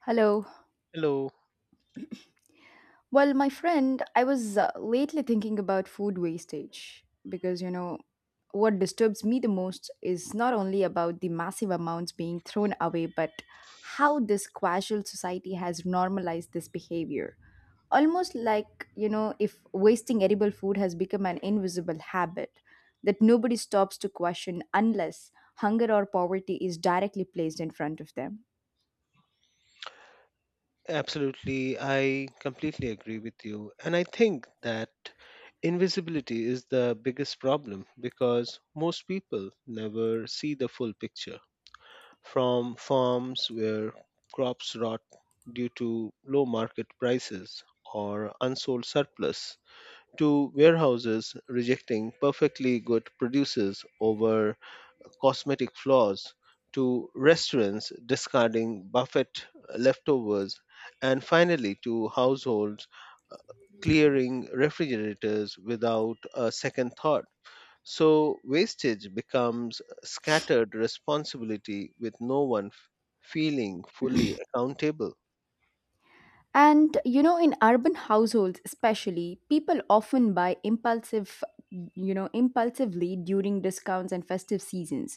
Hello. Hello. Well, my friend, I was lately thinking about food wastage because, you know, what disturbs me the most is not only about the massive amounts being thrown away, but how this casual society has normalized this behavior. Almost like, you know, if wasting edible food has become an invisible habit that nobody stops to question unless hunger or poverty is directly placed in front of them. Absolutely. I completely agree with you. And I think that invisibility is the biggest problem because most people never see the full picture. From farms where crops rot due to low market prices or unsold surplus, to warehouses rejecting perfectly good producers over cosmetic flaws, to restaurants discarding buffet leftovers, and finally to households clearing refrigerators without a second thought. So, wastage becomes scattered responsibility with no one feeling fully accountable. And you know, in urban households especially, people often buy impulsive, you know, impulsively during discounts and festive seasons,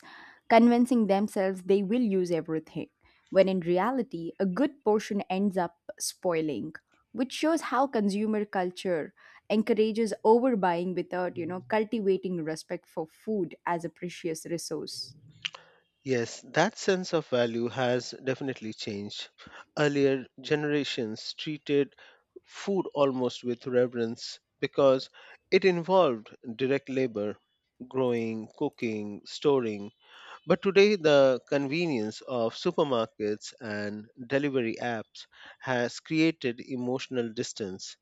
convincing themselves they will use everything, when in reality, a good portion ends up spoiling, which shows how consumer culture encourages overbuying without, you know, cultivating respect for food as a precious resource. Yes, that sense of value has definitely changed. Earlier generations treated food almost with reverence because it involved direct labor, growing, cooking, storing. But today, the convenience of supermarkets and delivery apps has created emotional distance,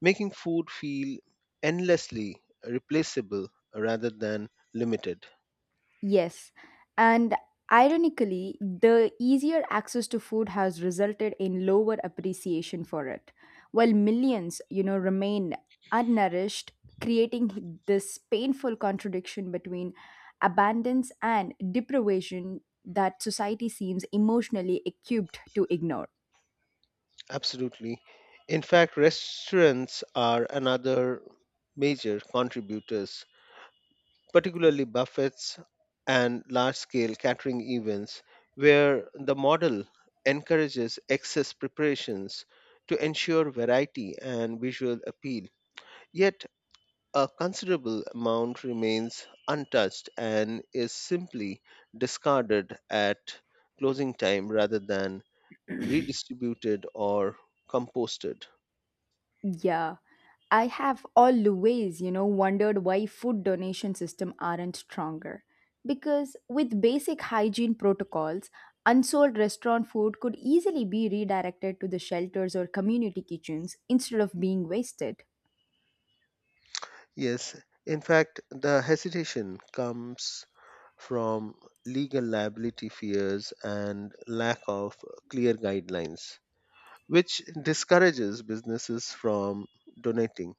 making food feel endlessly replaceable rather than limited. Yes. And ironically, the easier access to food has resulted in lower appreciation for it, while millions, you know, remain unnourished, creating this painful contradiction between abundance and deprivation that society seems emotionally equipped to ignore. Absolutely. In fact, restaurants are another major contributors, particularly buffets and large scale catering events, where the model encourages excess preparations to ensure variety and visual appeal. Yet, a considerable amount remains untouched and is simply discarded at closing time rather than redistributed or composted. Yeah, I have always, you know, wondered why food donation system aren't stronger. Because with basic hygiene protocols, unsold restaurant food could easily be redirected to the shelters or community kitchens instead of being wasted. Yes, in fact, the hesitation comes from legal liability fears and lack of clear guidelines, which discourages businesses from donating,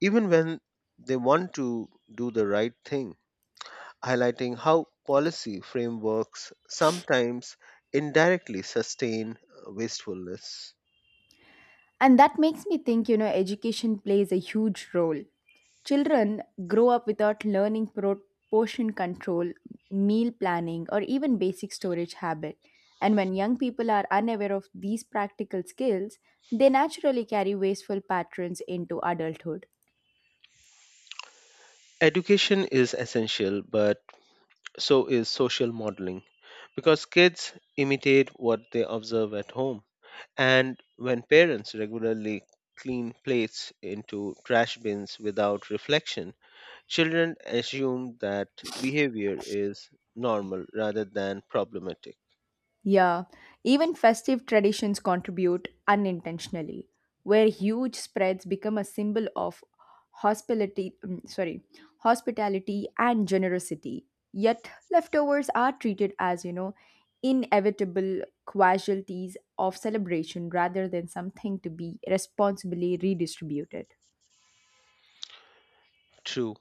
even when they want to do the right thing, highlighting how policy frameworks sometimes indirectly sustain wastefulness. And that makes me think, you know, education plays a huge role. Children grow up without learning portion control, meal planning, or even basic storage habit. And when young people are unaware of these practical skills, they naturally carry wasteful patterns into adulthood. Education is essential, but so is social modeling because kids imitate what they observe at home. And when parents regularly clean plates into trash bins without reflection, children assume that behavior is normal rather than problematic. Yeah, even festive traditions contribute unintentionally, where huge spreads become a symbol of hospitality, sorry, hospitality and generosity. Yet leftovers are treated as, you know, inevitable casualties of celebration rather than something to be responsibly redistributed. True,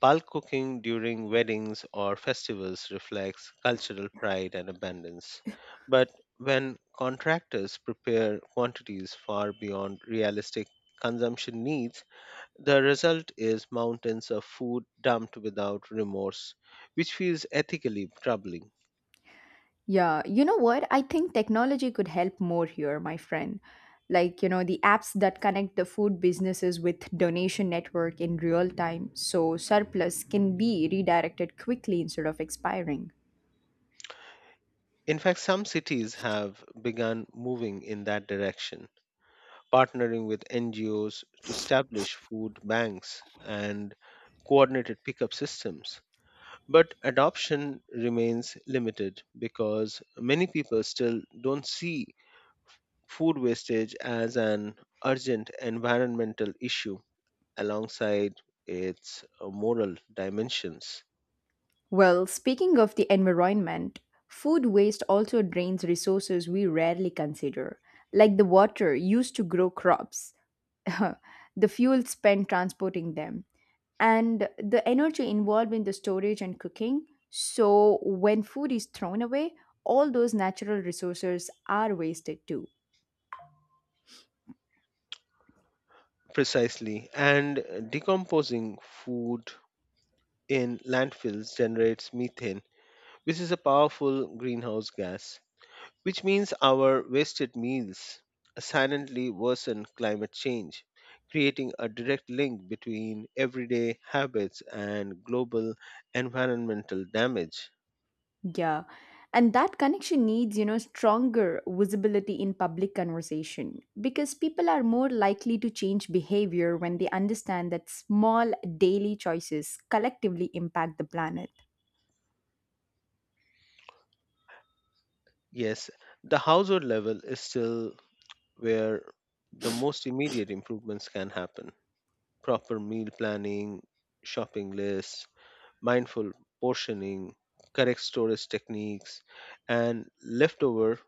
bulk cooking during weddings or festivals reflects cultural pride and abundance. But when contractors prepare quantities far beyond realistic consumption needs, the result is mountains of food dumped without remorse, which feels ethically troubling. Yeah, you know what? I think technology could help more here, my friend. Like, you know, the apps that connect the food businesses with donation network in real time so surplus can be redirected quickly instead of expiring. In fact, some cities have begun moving in that direction, partnering with NGOs to establish food banks and coordinated pickup systems. But adoption remains limited because many people still don't see food wastage as an urgent environmental issue alongside its moral dimensions. Well, speaking of the environment, food waste also drains resources we rarely consider, like the water used to grow crops, the fuel spent transporting them, and the energy involved in the storage and cooking. So, when food is thrown away, all those natural resources are wasted too. Precisely, and decomposing food in landfills generates methane, which is a powerful greenhouse gas, which means our wasted meals silently worsen climate change, creating a direct link between everyday habits and global environmental damage. Yeah. And that connection needs, you know, stronger visibility in public conversation because people are more likely to change behavior when they understand that small daily choices collectively impact the planet. Yes, the household level is still where the most immediate improvements can happen. Proper meal planning, shopping lists, mindful portioning, correct storage techniques, and leftover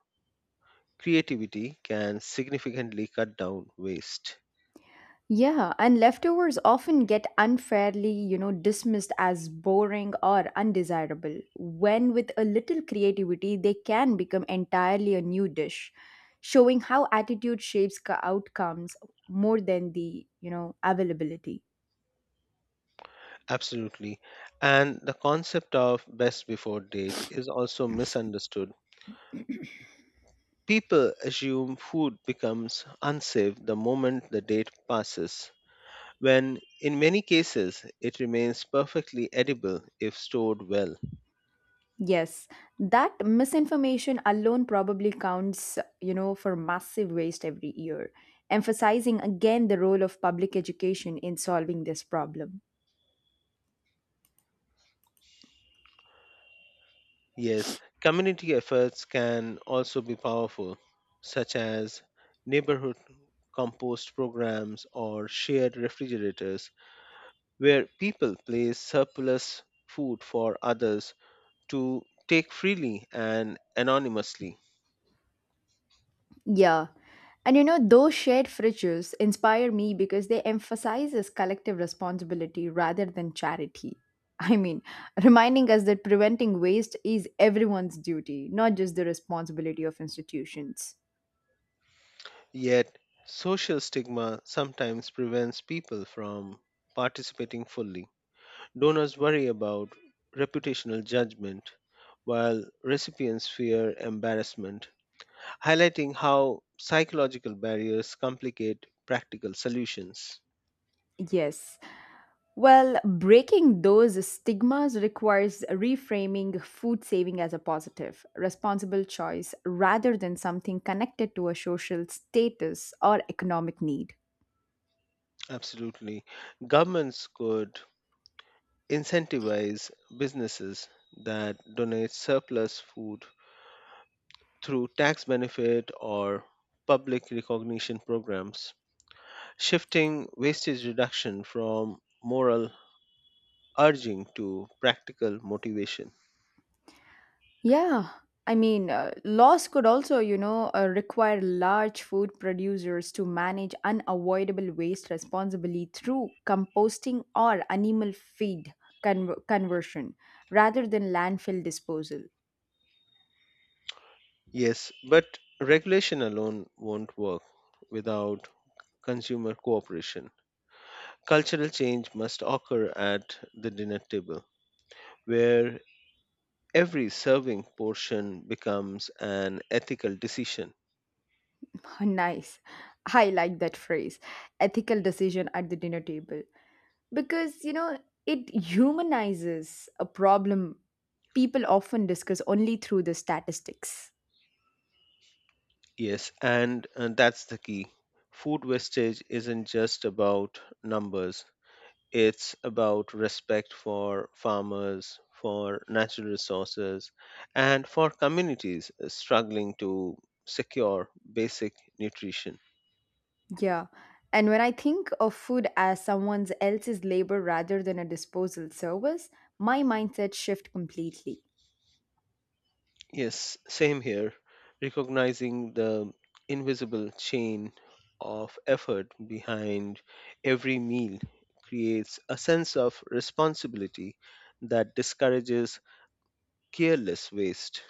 creativity can significantly cut down waste. Yeah, and leftovers often get unfairly, you know, dismissed as boring or undesirable, when with a little creativity, they can become entirely a new dish, showing how attitude shapes outcomes more than the, you know, availability. Absolutely. And the concept of best before date is also misunderstood. People assume food becomes unsafe the moment the date passes, when in many cases it remains perfectly edible if stored well. Yes, that misinformation alone probably counts, you know, for massive waste every year, emphasizing again the role of public education in solving this problem. Yes, community efforts can also be powerful, such as neighborhood compost programs or shared refrigerators, where people place surplus food for others to take freely and anonymously. Yeah. And you know, those shared fridges inspire me because they emphasize this collective responsibility rather than charity. I mean, reminding us that preventing waste is everyone's duty, not just the responsibility of institutions. Yet, social stigma sometimes prevents people from participating fully. Donors worry about reputational judgment, while recipients fear embarrassment, highlighting how psychological barriers complicate practical solutions. Yes. Well, breaking those stigmas requires reframing food saving as a positive, responsible choice rather than something connected to a social status or economic need. Absolutely. Governments could incentivize businesses that donate surplus food through tax benefit or public recognition programs, shifting wastage reduction from moral urging to practical motivation. Yeah, I mean, laws could also, you know, require large food producers to manage unavoidable waste responsibly through composting or animal feed conversion rather than landfill disposal. Yes, but regulation alone won't work without consumer cooperation. Cultural change must occur at the dinner table, where every serving portion becomes an ethical decision. Nice. I like that phrase, ethical decision at the dinner table, because, you know, it humanizes a problem people often discuss only through the statistics. Yes, and that's the key. Food wastage isn't just about numbers, it's about respect for farmers, for natural resources, and for communities struggling to secure basic nutrition. Yeah. And when I think of food as someone else's labor rather than a disposal service, my mindset shifts completely. Yes, same here. Recognizing the invisible chain of effort behind every meal creates a sense of responsibility that discourages careless waste.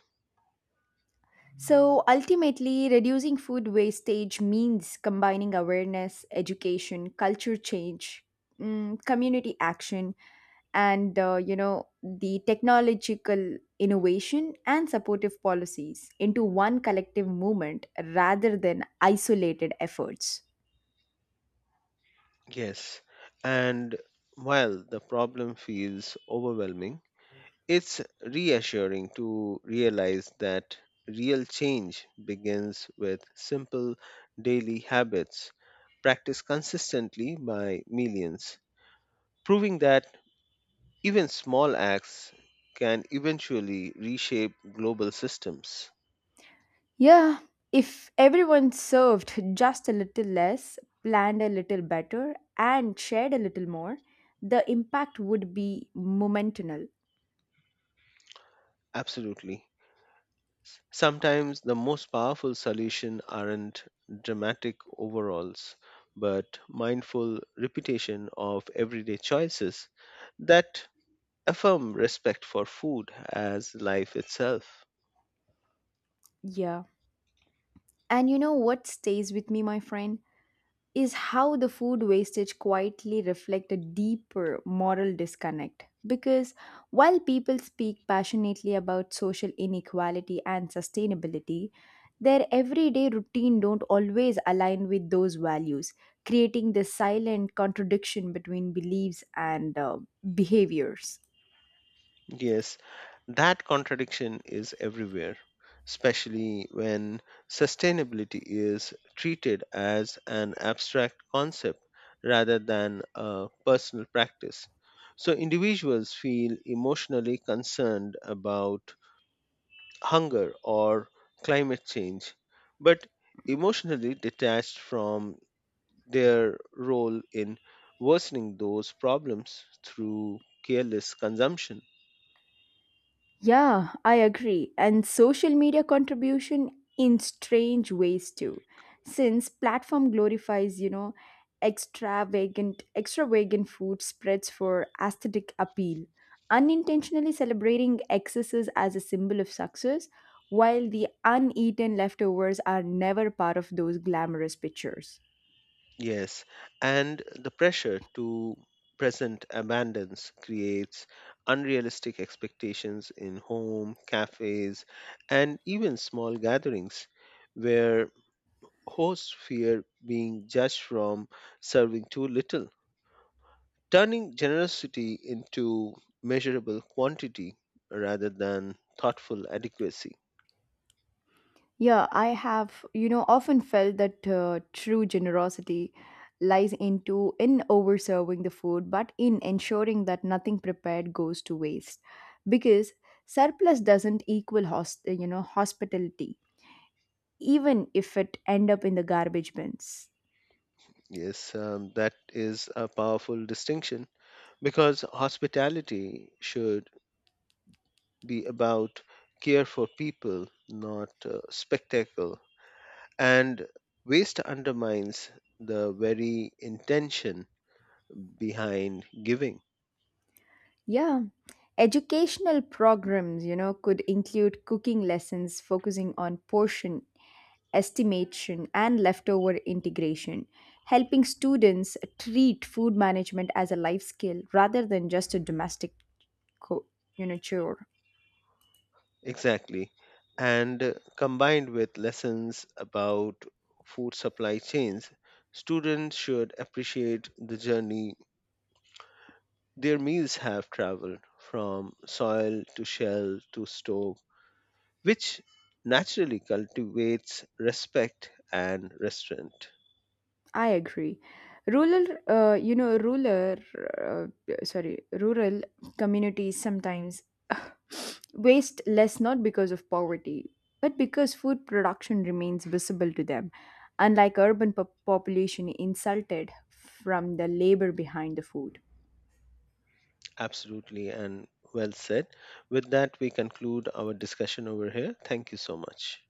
So ultimately, reducing food wastage means combining awareness, education, culture change, mm, community action, and you know the technological innovation and supportive policies into one collective movement rather than isolated efforts. Yes, and while the problem feels overwhelming, it's reassuring to realize that real change begins with simple daily habits practiced consistently by millions, proving that even small acts can eventually reshape global systems. Yeah, if everyone served just a little less, planned a little better, and shared a little more, the impact would be momental. Absolutely. Sometimes the most powerful solution aren't dramatic overalls, but mindful repetition of everyday choices that affirm respect for food as life itself. Yeah. And you know what stays with me, my friend? Is how the food wastage quietly reflect a deeper moral disconnect because while people speak passionately about social inequality and sustainability their everyday routine don't always align with those values creating this silent contradiction between beliefs and behaviors. Yes, that contradiction is everywhere, especially when sustainability is treated as an abstract concept rather than a personal practice. So individuals feel emotionally concerned about hunger or climate change, but emotionally detached from their role in worsening those problems through careless consumption. Yeah, I agree. And social media contribution in strange ways too. Since platform glorifies, you know, extravagant food spreads for aesthetic appeal, unintentionally celebrating excesses as a symbol of success, while the uneaten leftovers are never part of those glamorous pictures. Yes, and the pressure to present abundance creates unrealistic expectations in home, cafes, and even small gatherings where hosts fear being judged from serving too little, turning generosity into measurable quantity rather than thoughtful adequacy. Yeah, I have, you know, often felt that true generosity lies into in overserving the food, but in ensuring that nothing prepared goes to waste, because surplus doesn't equal host, you know, hospitality, even if it end up in the garbage bins. Yes, that is a powerful distinction because hospitality should be about care for people, not spectacle. And waste undermines the very intention behind giving. Yeah, educational programs, you know, could include cooking lessons focusing on portion estimation, and leftover integration, helping students treat food management as a life skill rather than just a domestic co- you know chore. Exactly. And combined with lessons about food supply chains, students should appreciate the journey their meals have traveled from soil to shell to stove, which naturally cultivates respect and restraint. I agree. Rural, you know, rural, uh, sorry, Rural communities sometimes waste less not because of poverty, but because food production remains visible to them, unlike urban population insulted from the labor behind the food. Absolutely, and well said. With that, we conclude our discussion over here. Thank you so much.